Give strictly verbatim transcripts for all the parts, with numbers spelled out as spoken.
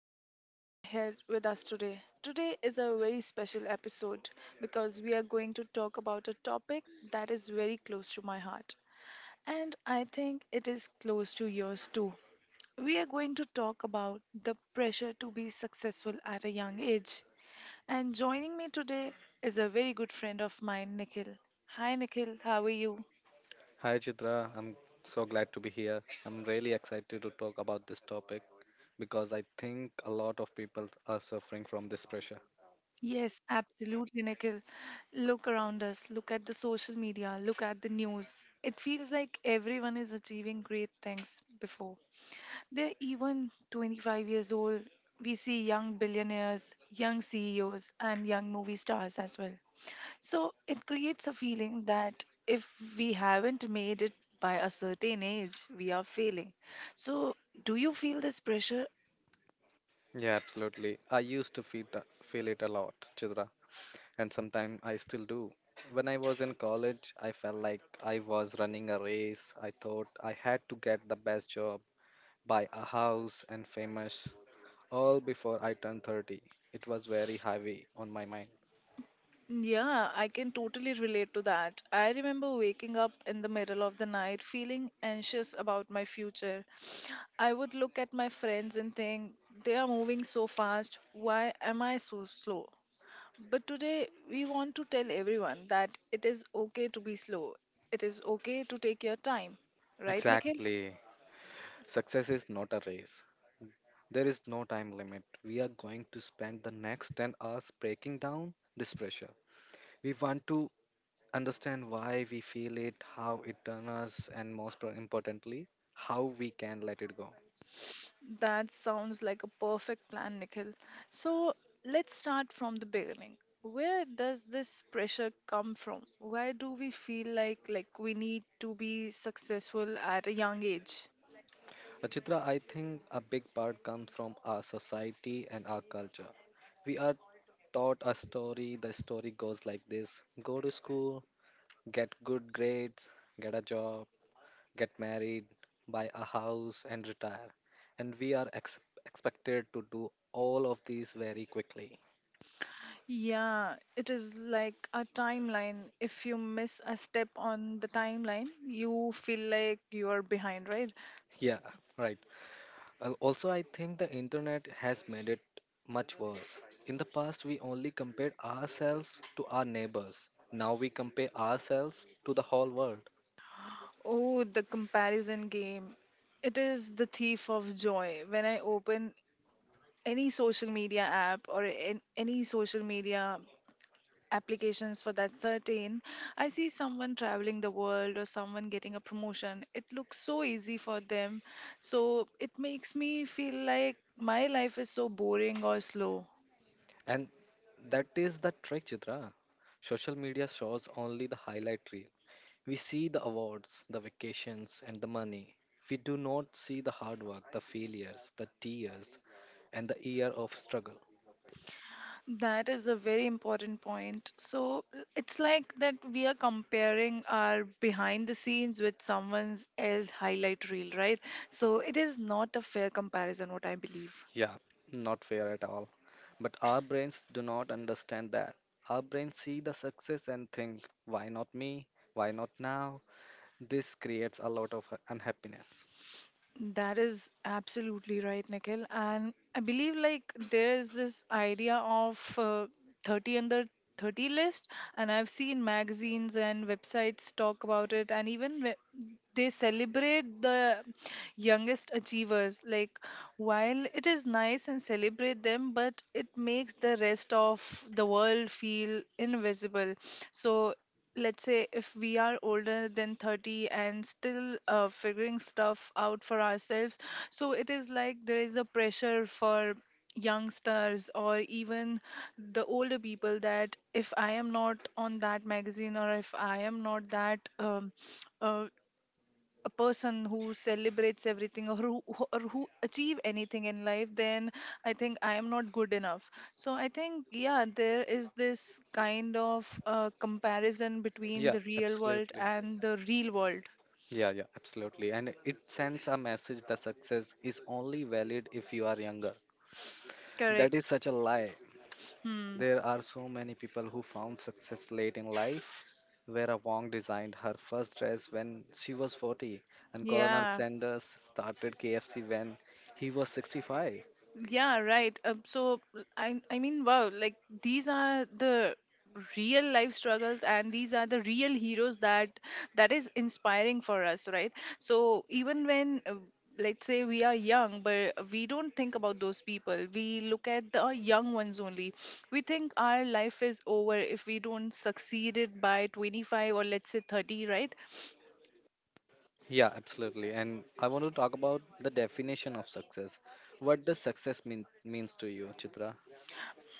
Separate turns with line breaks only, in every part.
that you guys are here with us today. Today is a very special episode because we are going to talk about a topic that is very close to my heart. And I think it is close to yours too. We are going to talk about the pressure to be successful at a young age. And joining me today is a very good friend of mine, Nikhil. Hi, Nikhil. How are you?
Hi Chitra, I'm so glad to be here. I'm really excited to talk about this topic because I think a lot of people are suffering from this pressure.
Yes, absolutely, Nikhil. Look around us, look at the social media, look at the news. It feels like everyone is achieving great things before they're even twenty-five years old. We see young billionaires, young C E Os, and young movie stars as well. So it creates a feeling that if we haven't made it by a certain age, we are failing. So, do you feel this pressure?
Yeah, absolutely. I used to feel tha- feel it a lot, Chitra, and sometimes I still do. When I was in college, I felt like I was running a race. I thought I had to get the best job, buy a house, and famous all before I turned thirty. It was very heavy on my mind.
Yeah, I can totally relate to that. I remember waking up in the middle of the night feeling anxious about my future. I would look at my friends and think, they are moving so fast. Why am I so slow? But today, we want to tell everyone that it is okay to be slow. It is okay to take your time. Right, Nikhil?
Exactly. Success is not a race. There is no time limit. We are going to spend the next ten hours breaking down this pressure. We want to understand why we feel it, how it turns us, and most pro- importantly, how we can let it go.
That sounds like a perfect plan, Nikhil. So let's start from the beginning. Where does this pressure come from? Why do we feel like like we need to be successful at a young age?
Achitra, I think a big part comes from our society and our culture. We are taught a story. The story goes like this: go to school, get good grades, get a job, get married, buy a house, and retire. And we are ex- expected to do all of these very quickly.
Yeah, it is like a timeline. If you miss a step on the timeline, you feel like you are behind, right?
Yeah, right. Al- Also, I think the internet has made it much worse. In the past, we only compared ourselves to our neighbors. Now we compare ourselves to the whole world.
Oh, the comparison game. It is the thief of joy. When I open any social media app, or in any social media applications for that certain, I see someone traveling the world or someone getting a promotion. It looks so easy for them, so it makes me feel like my life is so boring or slow.
And that is the trick, Chitra. Social media shows only the highlight reel. We see the awards, the vacations, and the money. We do not see the hard work, the failures, the tears, and the year of struggle.
That is a very important point. So l- it's like that we are comparing our behind the scenes with someone else's highlight reel, right? So it is not a fair comparison, what I believe.
Yeah, not fair at all. But our brains do not understand that. Our brains see the success and think, why not me? Why not now? This creates a lot of unhappiness.
That is absolutely right, Nikhil. And I believe like there is this idea of uh, thirty under thirty list, and I've seen magazines and websites talk about it, and even we- they celebrate the youngest achievers. Like, while it is nice and celebrate them, but it makes the rest of the world feel invisible. So let's say if we are older than thirty and still uh, figuring stuff out for ourselves, so it is like there is a pressure for youngsters or even the older people, that if I am not on that magazine or if I am not that um, uh, a person who celebrates everything or who who- or who achieve anything in life, then I think I am not good enough. So I think, yeah, there is this kind of uh, comparison between
Yeah,
the real world
absolutely.
and the real world.
Yeah, yeah, absolutely. And it sends a message that success is only valid if you are younger. That
Correct.
is such a lie.
Hmm.
There are so many people who found success late in life. Vera Wong designed her first dress when she was forty, and Colonel
Yeah.
Sanders started K F C when he was sixty-five.
Yeah, right. Um, so I I mean, wow, like these are the real life struggles and these are the real heroes, that that is inspiring for us, right? So even when, uh, let's say we are young but we don't think about those people, we look at the young ones only. We think our life is over if we don't succeed it by twenty-five or let's say thirty, right?
Yeah, absolutely. And I want to talk about the definition of success. What does success mean means to you, Chitra?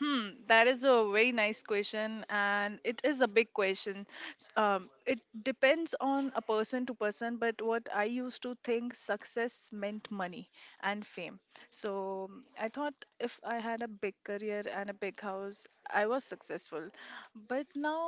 Hmm, that is a very nice question, and it is a big question. S- Um, it depends on a person to person, but what I used to think success meant money and fame. So, mm, I thought if I had a big career and a big house, I was successful. But now,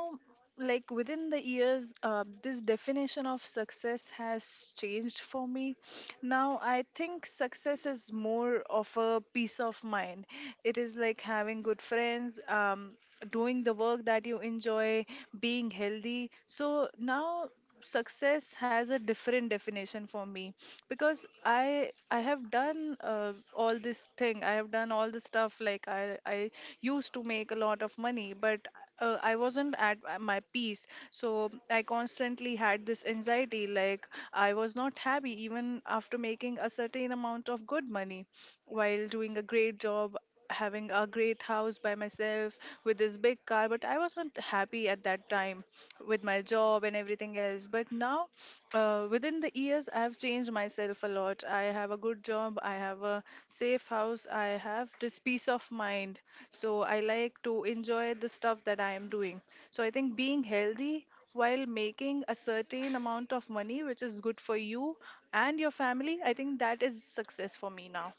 like within the years, uh, this definition of success has changed for me. Now I think success is more of a peace of mind. It is like having good friends, um, doing the work that you enjoy, being healthy. So now success has a different definition for me, because i i have done uh, all this thing. I have done all this stuff. Like i i used to make a lot of money, but uh, I wasn't at my peace. So I constantly had this anxiety. Like I was not happy even after making a certain amount of good money, while doing a great job, having a great house by myself with this big car. But I wasn't happy at that time with my job and everything else. But now, uh, within the years, I have changed myself a lot. I have a good job, I have a safe house, I have this peace of mind. So I like to enjoy the stuff that I am doing. So I think being healthy, while making a certain amount of money which is good for you and your family, I think that is success for me now.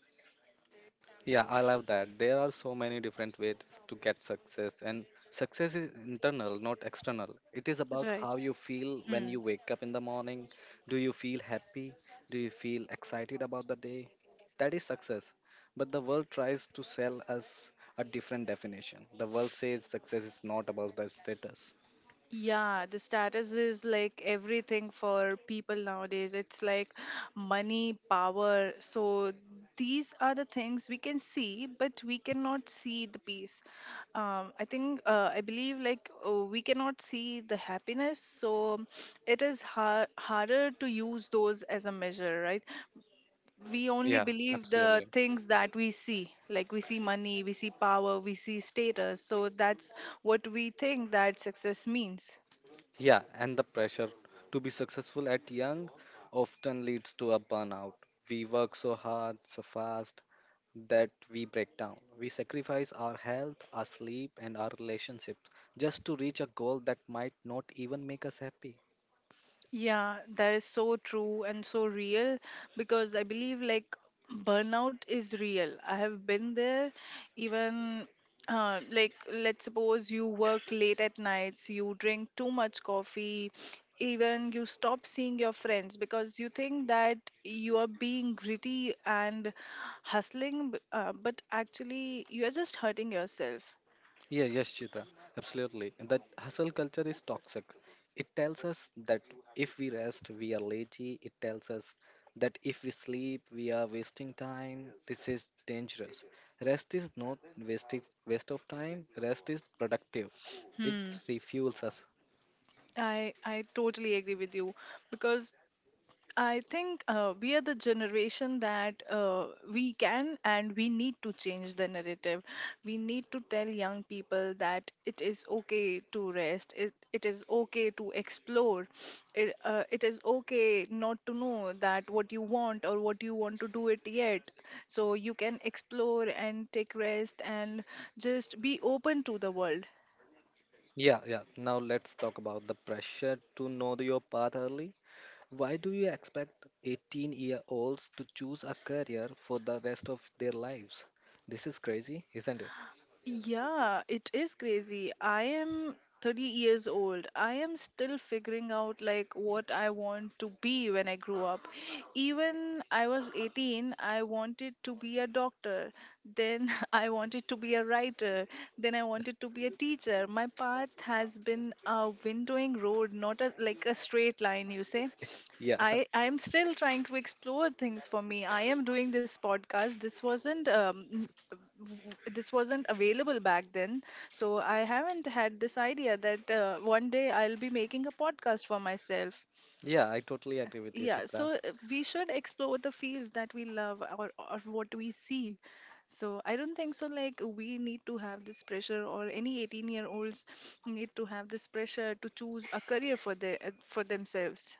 Yeah, I love that. There are so many different ways to get success, and success is internal, not external. It is about
Right.
how you feel when
Hmm.
you wake up in the morning. Do you feel happy? Do you feel excited about the day? That is success. But the world tries to sell us a different definition. The world says success is not about the status.
Yeah, the status is like everything for people nowadays. It's like money, power. So these are the things we can see, but we cannot see the peace. Um, I think, uh, I believe, like uh, we cannot see the happiness. So it is har harder to use those as a measure, right? We only
Yeah,
believe the
absolutely.
things that we see. Like we see money, we see power, we see status, so that's what we think that success means.
Yeah, and the pressure to be successful at young often leads to a burnout. We work so hard, so fast that we break down. We sacrifice our health, our sleep, and our relationships just to reach a goal that might not even make us happy.
Yeah, that is so true and so real, because I believe like burnout is real. I have been there. Even, uh, like let's suppose you work late at nights, you drink too much coffee, even you stop seeing your friends because you think that you are being gritty and hustling, b- uh, but actually you are just hurting yourself.
Yeah, yes, Chitra, absolutely. And that hustle culture is toxic. It tells us that if we rest, we are lazy. It tells us that if we sleep, we are wasting time. This is dangerous. Rest is not wasting waste of time. Rest is productive. It
Hmm.
refuels us.
I I totally agree with you, because I think uh, we are the generation that uh, we can and we need to change the narrative. We need to tell young people that it is okay to rest, it, it is okay to explore, it, uh, it is okay not to know that what you want or what you want to do it yet. So you can explore and take rest and just be open to the world.
Yeah, yeah. Now let's talk about the pressure to know your path early. Why do you expect eighteen year olds to choose a career for the rest of their lives? This is crazy, isn't it?
Yeah, it is crazy. I am thirty years old. I am still figuring out like what I want to be when I grew up. Even I was eighteen, I wanted to be a doctor. Then I wanted to be a writer. Then I wanted to be a teacher. My path has been a windowing road, not a like a straight line, you say.
Yeah,
I I am still trying to explore things for me. I am doing this podcast. This wasn't um n- w- this wasn't available back then, so I haven't had this idea that uh, one day I'll be making a podcast for myself.
yeah, I totally agree with you,
Yeah,
Chitra.
so uh, we should explore the fields that we love or or what we see. So I don't think so. Like we need to have this pressure, or any eighteen-year-olds need to have this pressure to choose a career for their for themselves.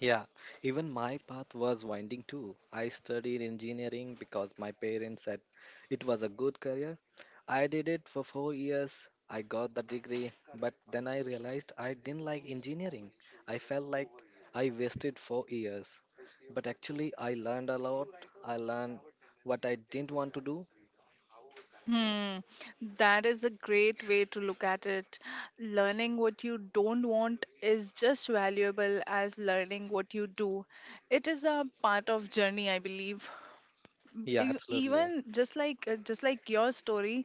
Yeah, even my path was winding too. I studied engineering because my parents said it was a good career. I did it for four years. I got the degree, but then I realized I didn't like engineering. I felt like I wasted four years. But actually, I learned a lot. I learned what I didn't want to do.
Hmm, that is a great way to look at it. Learning what you don't want is just valuable as learning what you do. It is a part of journey, I believe.
Yeah,
Ev-
absolutely.
even just like, uh, just like your story,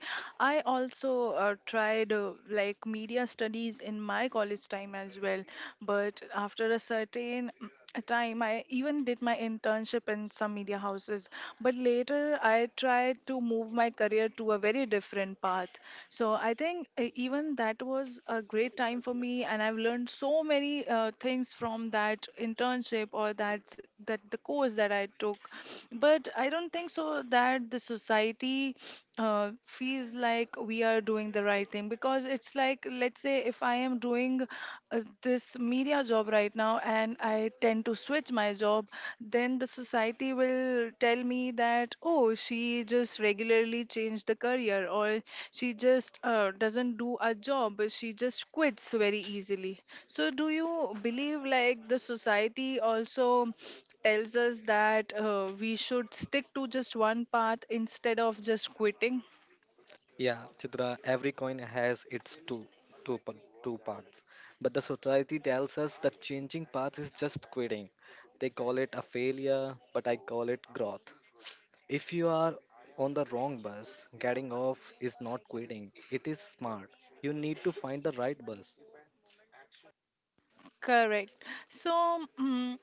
I also uh, tried, uh, like media studies in my college time as well, but after a certain time I even did my internship in some media houses, but later I tried to move my career to a very different path. So I think, uh, even that was a great time for me, and I've learned so many uh, things from that internship, or that that the course that I took. But I don't think so that the society uh, feels like we are doing the right thing, because it's like let's say if I am doing, uh, this media job right now and I tend to switch my job, then the society will tell me that, oh, she just regularly changed the career, or she just, uh, doesn't do a job, she just quits very easily. So, do you believe like the society also tells us that uh, we should stick to just one path instead of just quitting?
Yeah, Chitra, every coin has its two, two, pa- two parts. But the society tells us that changing path is just quitting. They call it a failure, but I call it growth. If you are on the wrong bus, getting off is not quitting, it is smart. You need to find the right bus.
Correct. So, mm,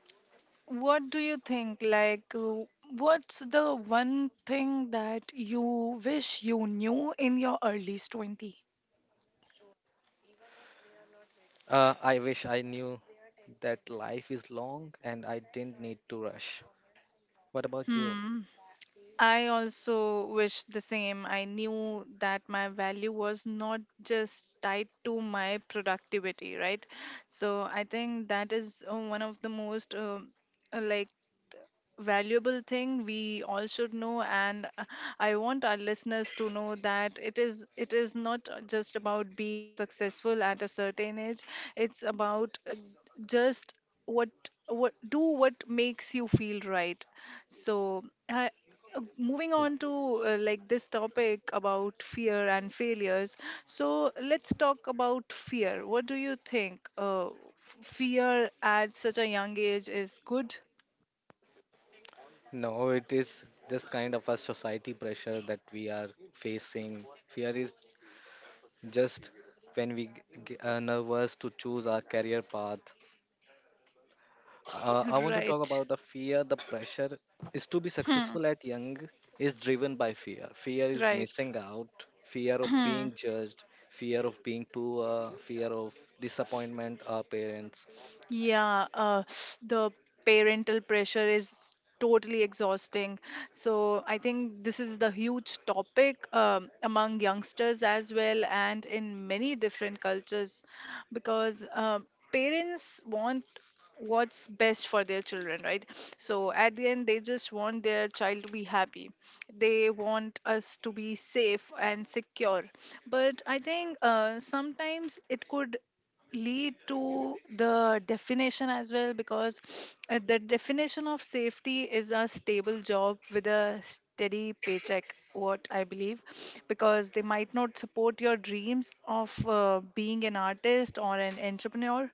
what do you think? Like, uh, what's the one thing that you wish you knew in your earliest twenty?
Uh, I wish I knew that life is long and I didn't need to rush. What about you?
I also wish the same. I knew that my value was not just tied to my productivity, right? So I think that is uh, one of the most uh, uh, like valuable thing we all should know and uh, I want our listeners to know that it is it is not just about being successful at a certain age. It's about uh, just what what do what makes you feel right. So I, uh, moving on to uh, like this topic about fear and failures. So let's talk about fear. What do you think? Uh, f- fear at such a young age is good?
No, it is just kind of a society pressure that we are facing. Fear is just when we g- are nervous to choose our career path. Uh, I want to talk
Right.
about the fear, the pressure is to be
Hmm.
successful at young is driven by fear. Fear is
Right.
missing out, fear of
Hmm.
being judged, fear of being poor, fear of disappointment our parents.
Yeah, uh, the parental pressure is totally exhausting. So I think this is the huge topic um, among youngsters as well, and in many different cultures, because uh, parents want what's best for their children, right? So at the end, they just want their child to be happy. They want us to be safe and secure. But I think uh, sometimes it could lead to the definition as well, because uh, the definition of safety is a stable job with a steady paycheck, what I believe, because they might not support your dreams of uh, being an artist or an entrepreneur.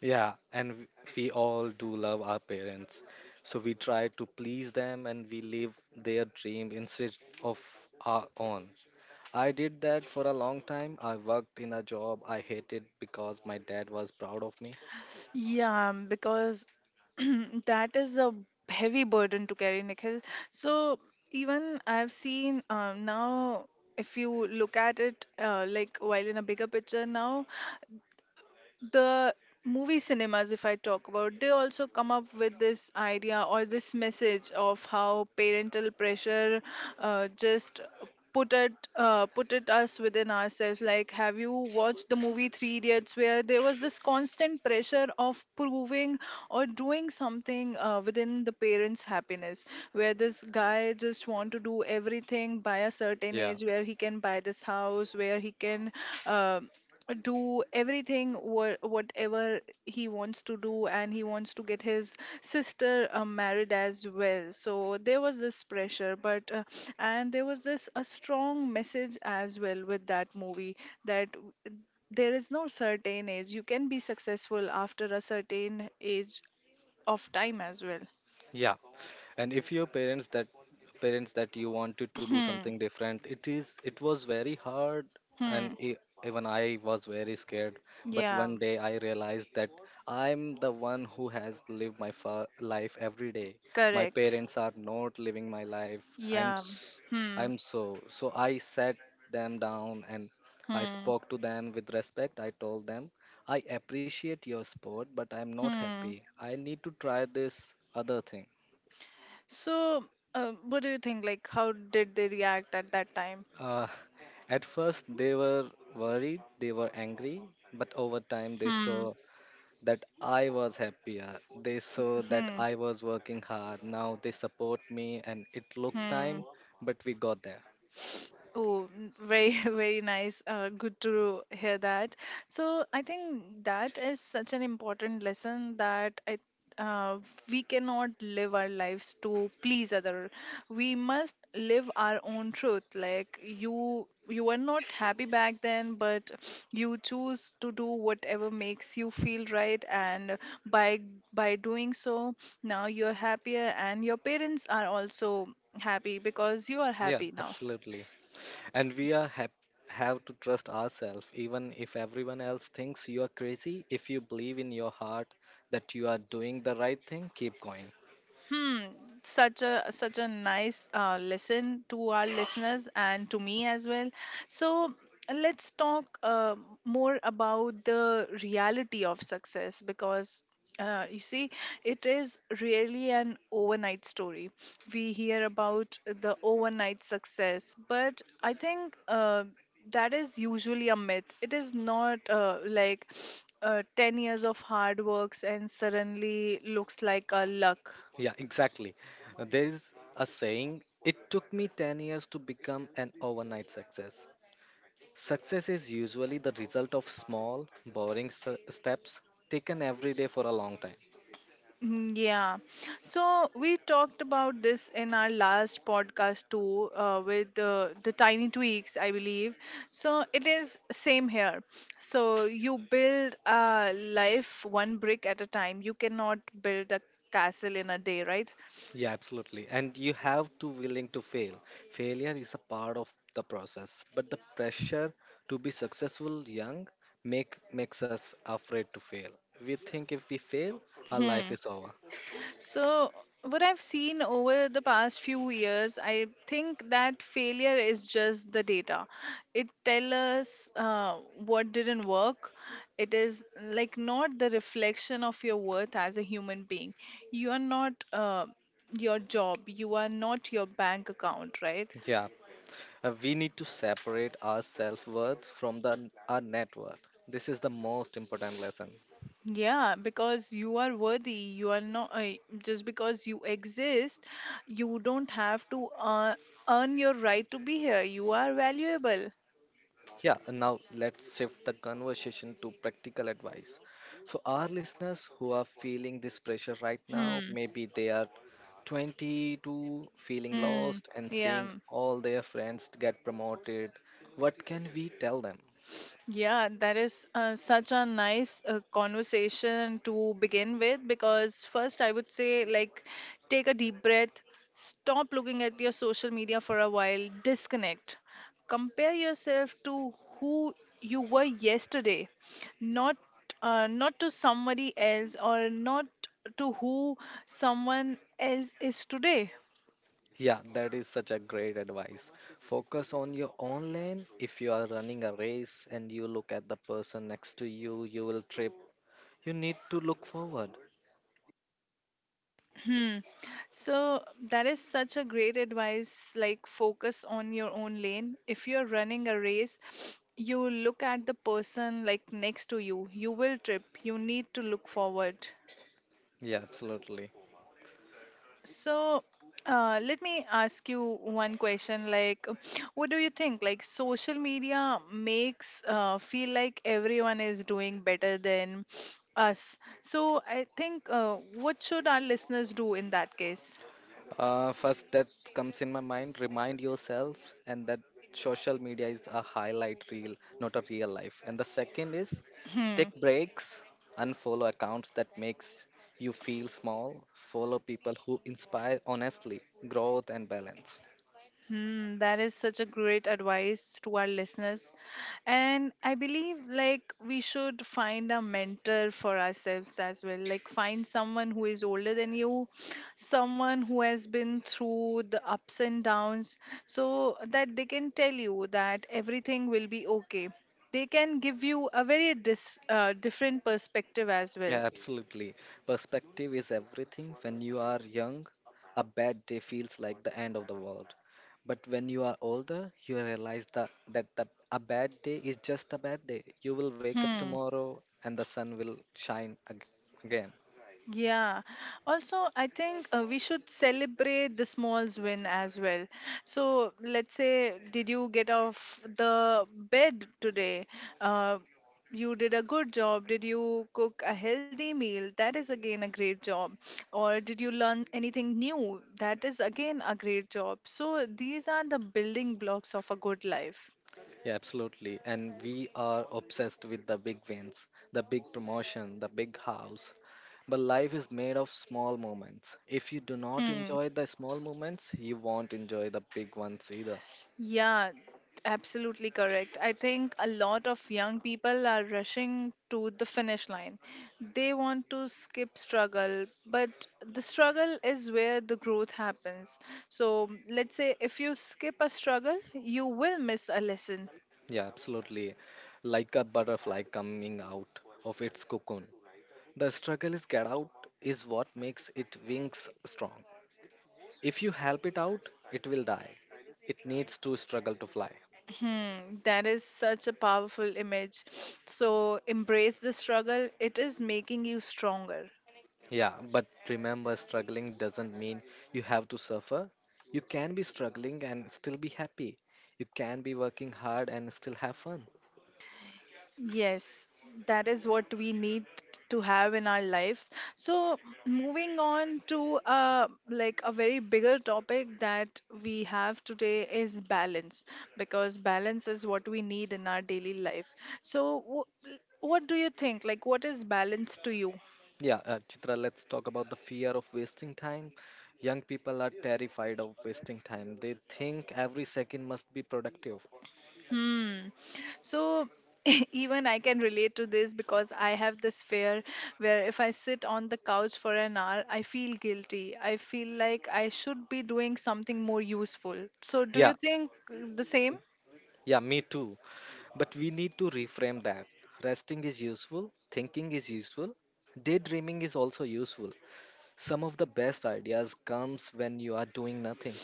Yeah, and w- we all do love our parents. So we try to please them and we live their dream instead of our own. I did that for a long time. I worked in a job I hated because my dad was proud of me.
Yeah, um, because that is a heavy burden to carry, Nikhil. So even I've seen, um, now, if you look at it, uh, like while in a bigger picture now, the movie cinemas, if I talk about, they also come up with this idea or this message of how parental pressure uh, just put it uh, put it us within ourselves. Like, have you watched the movie three idiots, where there was this constant pressure of proving or doing something uh, within the parents happiness, where this guy just want to do everything by a certain
Yeah.
age, where he can buy this house, where he can uh, do everything wha- whatever he wants to do, and he wants to get his sister uh, married as well. So there was this pressure. But uh, and there was this a strong message as well with that movie, that w- there is no certain age. You can be successful after a certain age of time as well.
Yeah. And if your parents that parents that you wanted to do
Hmm.
something different, it is it was very hard and
Hmm.
e even I was very scared. But
Yeah.
one day I realized that I'm the one who has lived my fa life every day. My
Correct.
parents are not living my life. I'm
Yeah.
s-
Hmm.
I'm so so I sat them down and I
Hmm.
spoke to them with respect. I told them I appreciate your sport, but I'm not
Hmm.
happy. I need to try this other thing.
So, uh, what do you think? Like, how did they react at that time?
Uh, at first, they were worried, they were angry, but over time, they
Hmm.
saw that I was happier. They saw that
Hmm.
I was working hard. Now they support me, and it took
Hmm.
time, but we got there.
Oh, n- very, very nice. Uh, good to hear that. So I think that is such an important lesson that I, uh, we cannot live our lives to please other. We must live our own truth. Like you, you were not happy back then, but you choose to do whatever makes you feel right, and by by doing so, now you're happier, and your parents are also happy because you are
Yeah,
happy now.
absolutely. And we are hap have to trust ourselves, even if everyone else thinks you are crazy. If you believe in your heart that you are doing the right thing, keep going.
Hmm, such a such a nice uh, lesson to our listeners and to me as well. So let's talk uh, more about the reality of success, because, Uh, you see, it is really an overnight story. We hear about the overnight success, but I think uh, that is usually a myth. It is not uh, like uh, ten years of hard works and suddenly looks like a luck.
Yeah, exactly. Uh, There is a saying, it took me ten years to become an overnight success. Success is usually the result of small, boring st- steps taken every day for a long time.
Mm. Yeah. So we talked about this in our last podcast too, uh, with uh, the tiny tweaks, I believe. So it is same here. So you build a life one brick at a time. You cannot build a castle in a day, right?
Yeah, absolutely. And you have to willing to fail. Failure is a part of the process, but the pressure to be successful young make makes us afraid to fail. We think if we fail, our life
Hmm.
is over.
So, what I've seen over the past few years, I think that failure is just the data. It tells us uh, what didn't work. It is like not the reflection of your worth as a human being. You are not uh, your job, you are not your bank account, right?
Yeah, uh, we need to separate our self worth from the our net worth. This is the most important lesson.
Yeah, because you are worthy. You are not uh, just because you exist, you don't have to uh, earn your right to be here. You are valuable.
Yeah, and now let's shift the conversation to practical advice. So, our listeners who are feeling this pressure right now,
Hmm.
maybe they are twenty-two, feeling
Hmm.
lost, and
Yeah.
seeing
Mm.
all their friends get promoted, what can we tell them?
Yeah. That is uh, such a nice uh, conversation to begin with, because first I would say, like, take a deep breath, stop looking at your social media for a while, disconnect, compare yourself to who you were yesterday, not uh, not to somebody else or not to who someone else is today.
Yeah, that is such a great advice. Focus on your own lane. If you are running a race and you look at the person next to you, you will trip. You need to look forward.
Hmm. So that is such a great advice. Like, focus on your own lane. If you're running a race, you look at the person like next to you. You will trip. You need to look forward.
Yeah, absolutely.
So, uh, let me ask you one question. Like, what do you think? Like, social media makes uh, feel like everyone is doing better than us. So, I think, uh, what should our listeners do in that case?
Uh, first, that comes in my mind remind yourselves, and that social media is a highlight reel, not a real life. And the second is
Hmm.
take breaks, unfollow accounts that makes you feel small, follow people who inspire honestly, growth, and balance.
Hmm, that is such a great advice to our listeners. And I believe, like, we should find a mentor for ourselves as well. Like, find someone who is older than you, someone who has been through the ups and downs so that they can tell you that everything will be okay. They can give you a very dis- uh, different perspective as well.
Yeah, absolutely. Perspective is everything. When you are young, a bad day feels like the end of the world. But when you are older, you realize that, that the, a bad day is just a bad day. You will wake up
Hmm.
tomorrow and the sun will shine ag- again.
Yeah. Also, I think uh, we should celebrate the smalls win as well. So, let's say, did you get off the bed today? Uh, you did a good job. Did you cook a healthy meal? That is again a great job. Or did you learn anything new? That is again a great job. So, these are the building blocks of a good life.
Yeah, absolutely. And we are obsessed with the big wins, the big promotion, the big house. But life is made of small moments. If you do not
Hmm.
enjoy the small moments, you won't enjoy the big ones either.
Yeah, absolutely correct. I think a lot of young people are rushing to the finish line. They want to skip struggle, but the struggle is where the growth happens. So, let's say if you skip a struggle, you will miss a lesson.
Yeah, absolutely. Like a butterfly coming out of its cocoon. The struggle is get out is what makes it wings strong. If you help it out, it will die. It needs to struggle to fly.
Hmm, that is such a powerful image. So, embrace the struggle, it is making you stronger.
Yeah, but remember, struggling doesn't mean you have to suffer. You can be struggling and still be happy. You can be working hard and still have fun.
Yes, that is what we need to have in our lives. So, moving on to uh, like a very bigger topic that we have today is balance, because balance is what we need in our daily life. So, wh- what do you think? Like, what is balance to you?
Yeah, uh, Chitra, let's talk about the fear of wasting time. Young people are terrified of wasting time. They think every second must be productive.
Hmm. So even I can relate to this because I have this fear where if I sit on the couch for an hour, I feel guilty. I feel like I should be doing something more useful. So do you
Yeah,
think uh, the same?
yeah, me too. But we need to reframe that. Resting is useful, thinking is useful, daydreaming is also useful. Some of the best ideas comes when you are doing nothing.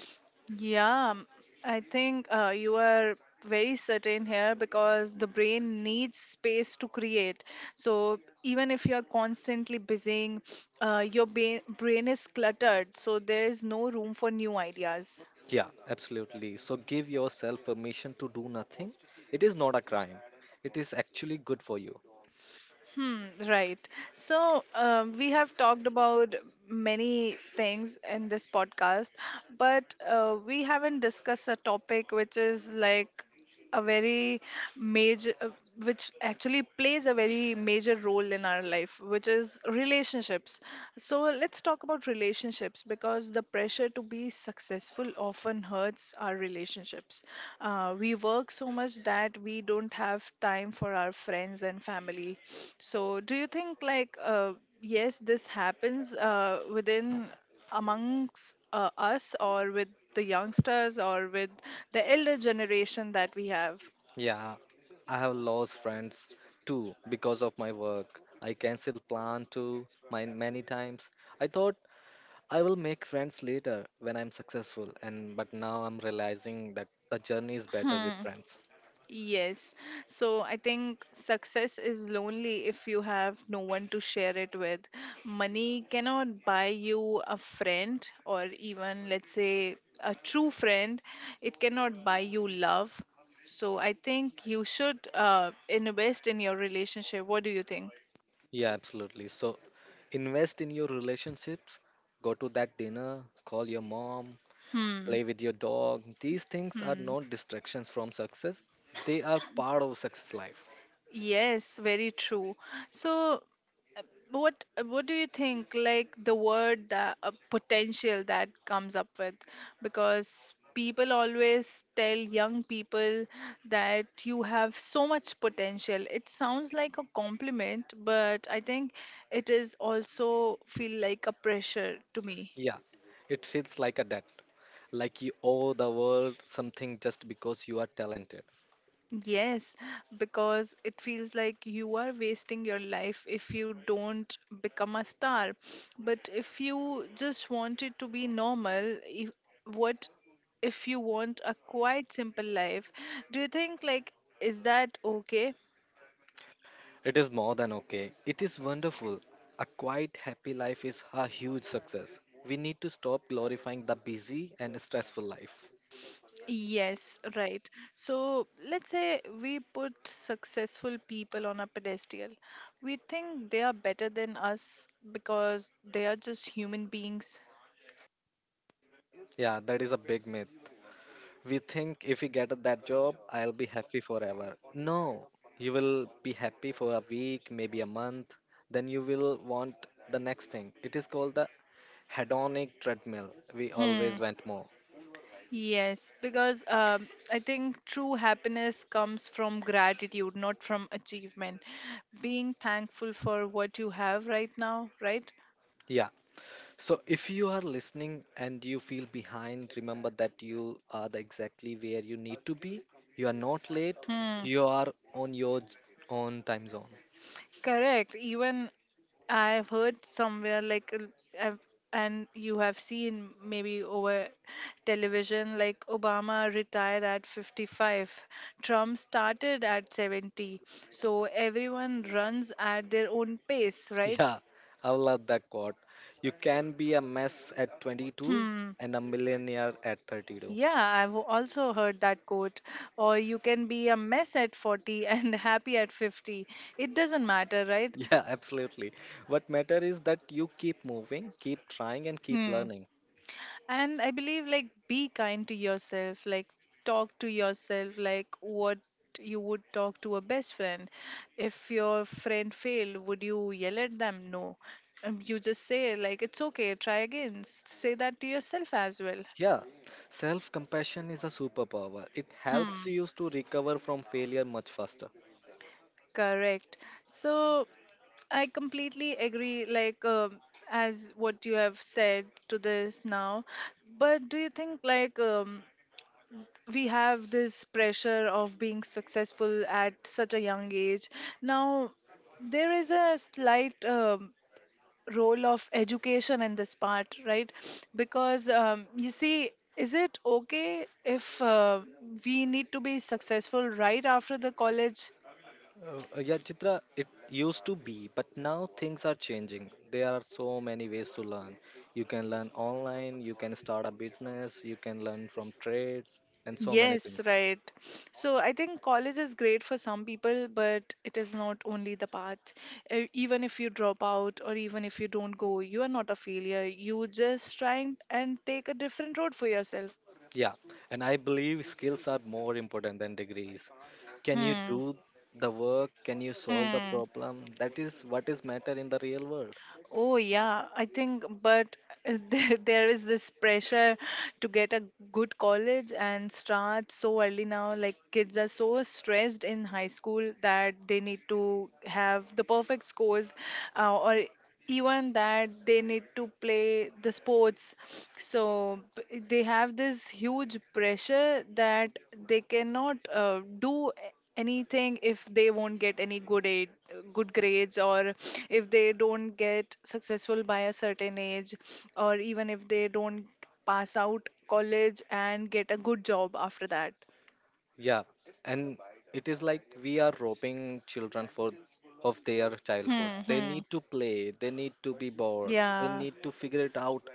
Yeah, m- I think uh, you are very certain here because the brain needs space to create. So even if you are constantly busying, uh, your ba- brain is cluttered, so there is no room for new ideas.
Yeah, absolutely. So give yourself permission to do nothing. It is not a crime. It is actually good for you.
Hmm, right. So, um, we have talked about many things in this podcast, but uh, we haven't discussed a topic which is like a very major, uh, which actually plays a very major role in our life, which is relationships. So, let's talk about relationships because the the pressure to be successful often hurts our relationships. Uh, we work so much that we don't have time for our friends and family. So, do you think, like, uh, yes, this happens uh, within amongst uh, us, or with the youngsters, or with the elder generation that we have?
Yeah, I have lost friends too because of my work. I cancel plan too mine many times. I thought I will make friends later when I'm successful and but now I'm realizing that the journey is better with friends.
Yes. So I think success is lonely if you have no one to share it with. Money cannot buy you a friend or even, let's say, a true friend. It cannot buy you love. So I think you should uh, invest in your relationship. What do you think?
Yeah, absolutely. So invest in your relationships, go to that dinner, call your mom,
Hmm.
play with your dog. These things are
Hmm.
not distractions from success. They are part of success life.
Yes, very true. So what what do you think, like, the word that uh, potential, that comes up with, because people always tell young people that you have so much potential. It sounds like a compliment, but I think it is also feel like a pressure to me.
Yeah, it feels like a debt, like you owe the world something just because you are talented.
Yes, because it feels like you are wasting your life if you don't become a star. But if you just want it to be normal, if, what if you want a quite simple life? Do you think, like, is that okay?
It is more than okay, it is wonderful. A quiet, happy life is a huge success. We need to stop glorifying the busy and stressful life.
Yes, right. So let's say we put successful people on a pedestal. We think they are better than us because they are just human beings.
Yeah, that is a big myth. We think if we get that job, I'll be happy forever. No, you will be happy for a week, maybe a month, then you will want the next thing. It is called the hedonic treadmill. We
Hmm.
always want more.
Yes, because um, I think true happiness comes from gratitude, not from achievement. Being thankful for what you have right now, right?
Yeah. So if you are listening and you feel behind, remember that you are the exactly where you need to be. You are not late.
Hmm.
You are on your j- own time zone.
Correct. Even I've heard somewhere like uh, I've, and you have seen maybe over television, like Obama retired at fifty-five, Trump started at seventy. So everyone runs at their own pace, right?
Yeah, I love that quote. You can be a mess at twenty-two
Hmm.
and a millionaire at thirty-two.
Yeah, I've also heard that quote. Or you can be a mess at forty and happy at fifty. It doesn't matter, right?
Yeah, absolutely. What matter is that you keep moving, keep trying, and keep
Hmm.
learning.
And I believe, like, be kind to yourself, like, talk to yourself, like, what you would talk to a best friend. If your friend failed, would you yell at them? No. Um, you just say, like, it's okay, try again. S- Say that to yourself as well.
Yeah, self compassion is a superpower. It
Hmm.
helps you to recover from failure much faster.
Correct. So I completely agree, like, um, as what you have said to this now. But do you think, like, um, we have this pressure of being successful at such a young age? Now, there is a slight um, role of education in this part, right? Because um, you see, is it okay if uh, we need to be successful right after the college?
Uh, yeah, Chitra, it used to be, but now things are changing. There are so many ways to learn. You can learn online, you can start a business, you can learn from trades, and so many
Yes,
things.
right. So I think college is great for some people, but it is not only the path. E- Even if you drop out, or even if you don't go, you are not a failure. You just trying and take a different road for yourself.
Yeah, and I believe skills are more important than degrees. Can you
Hmm.
do the work? Can you solve the
Hmm.
problem? That is what is matter in the real world.
Oh, yeah, I think, but uh, there, there is this pressure to get a good college and start so early now. Like, kids are so stressed in high school that they need to have the perfect scores, uh, or even that they need to play the sports. So, b- they have this huge pressure that they cannot uh, do anything if they won't get any good aid, good grades, or if they don't get successful by a certain age, or even if they don't pass out college and get a good job after that.
Yeah, and it is like we are roping children for of their childhood.
Hmm.
They
Hmm.
need to play, they need to be bored, they
Yeah,
need to figure it out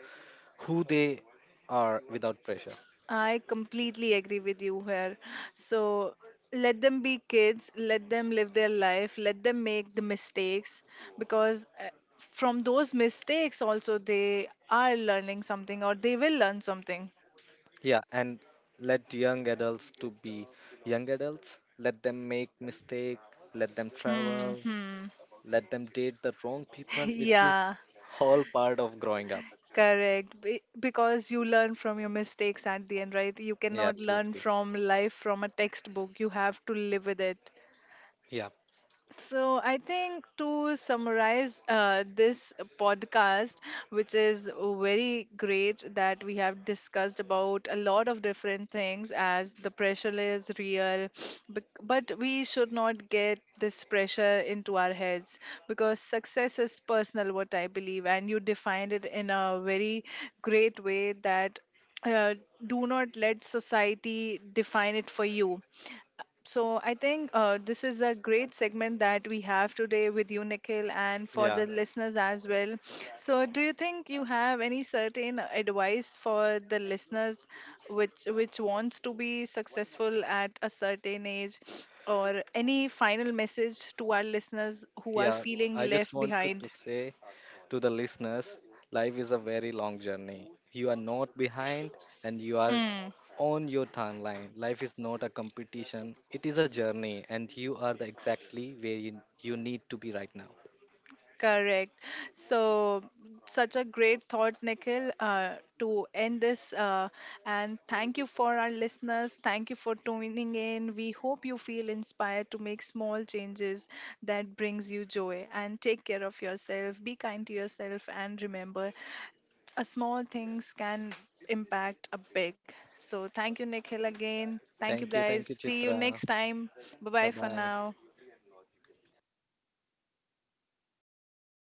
who they are without pressure.
I completely agree with you here. So let them be kids, let them live their life, let them make the mistakes, because uh, from those mistakes also they are learning something, or they will learn something.
Yeah, and let young adults to be young adults. Let them make mistake, let them travel,
Hmm.
let them date the wrong people. It is
Yeah,
all part of growing up.
correct. Be- because you learn from your mistakes at the end, right? You
Yeah,
cannot learn
absolutely.
from life from a textbook. You have to live with it.
Yeah,
So, I think, to summarize uh, this podcast, which is very great, that we have discussed about a lot of different things, as the pressure is real, bec- but we should not get this pressure into our heads, because success is personal, what I believe, and you defined it in a very great way that uh, do not let society define it for you. So I think uh, this is a great segment that we have today with you, Nikhil, and for
yeah.
the listeners as well. So do you think you have any certain advice for the listeners, which which wants to be successful at a certain age, or any final message to our listeners who are
Yeah,
feeling
I just
left
wanted
behind?
to say to the listeners life is a very long journey. You are not behind and you are
Hmm.
on your timeline. Life is not a competition, it is a journey, and you are the exactly where you, you need to be right now.
Correct. So, such a great thought, Nikhil, uh, to end this. Uh, and thank you for our listeners. Thank you for tuning in. We hope you feel inspired to make small changes that brings you joy. And take care of yourself. Be kind to yourself. And remember, a small things can impact a big. So, thank you, Nikhil, again. Thank you,
Thank you,
guys.
thank you,
See you
Chitra.
next time. Bye
Bye
bye for
bye.
now.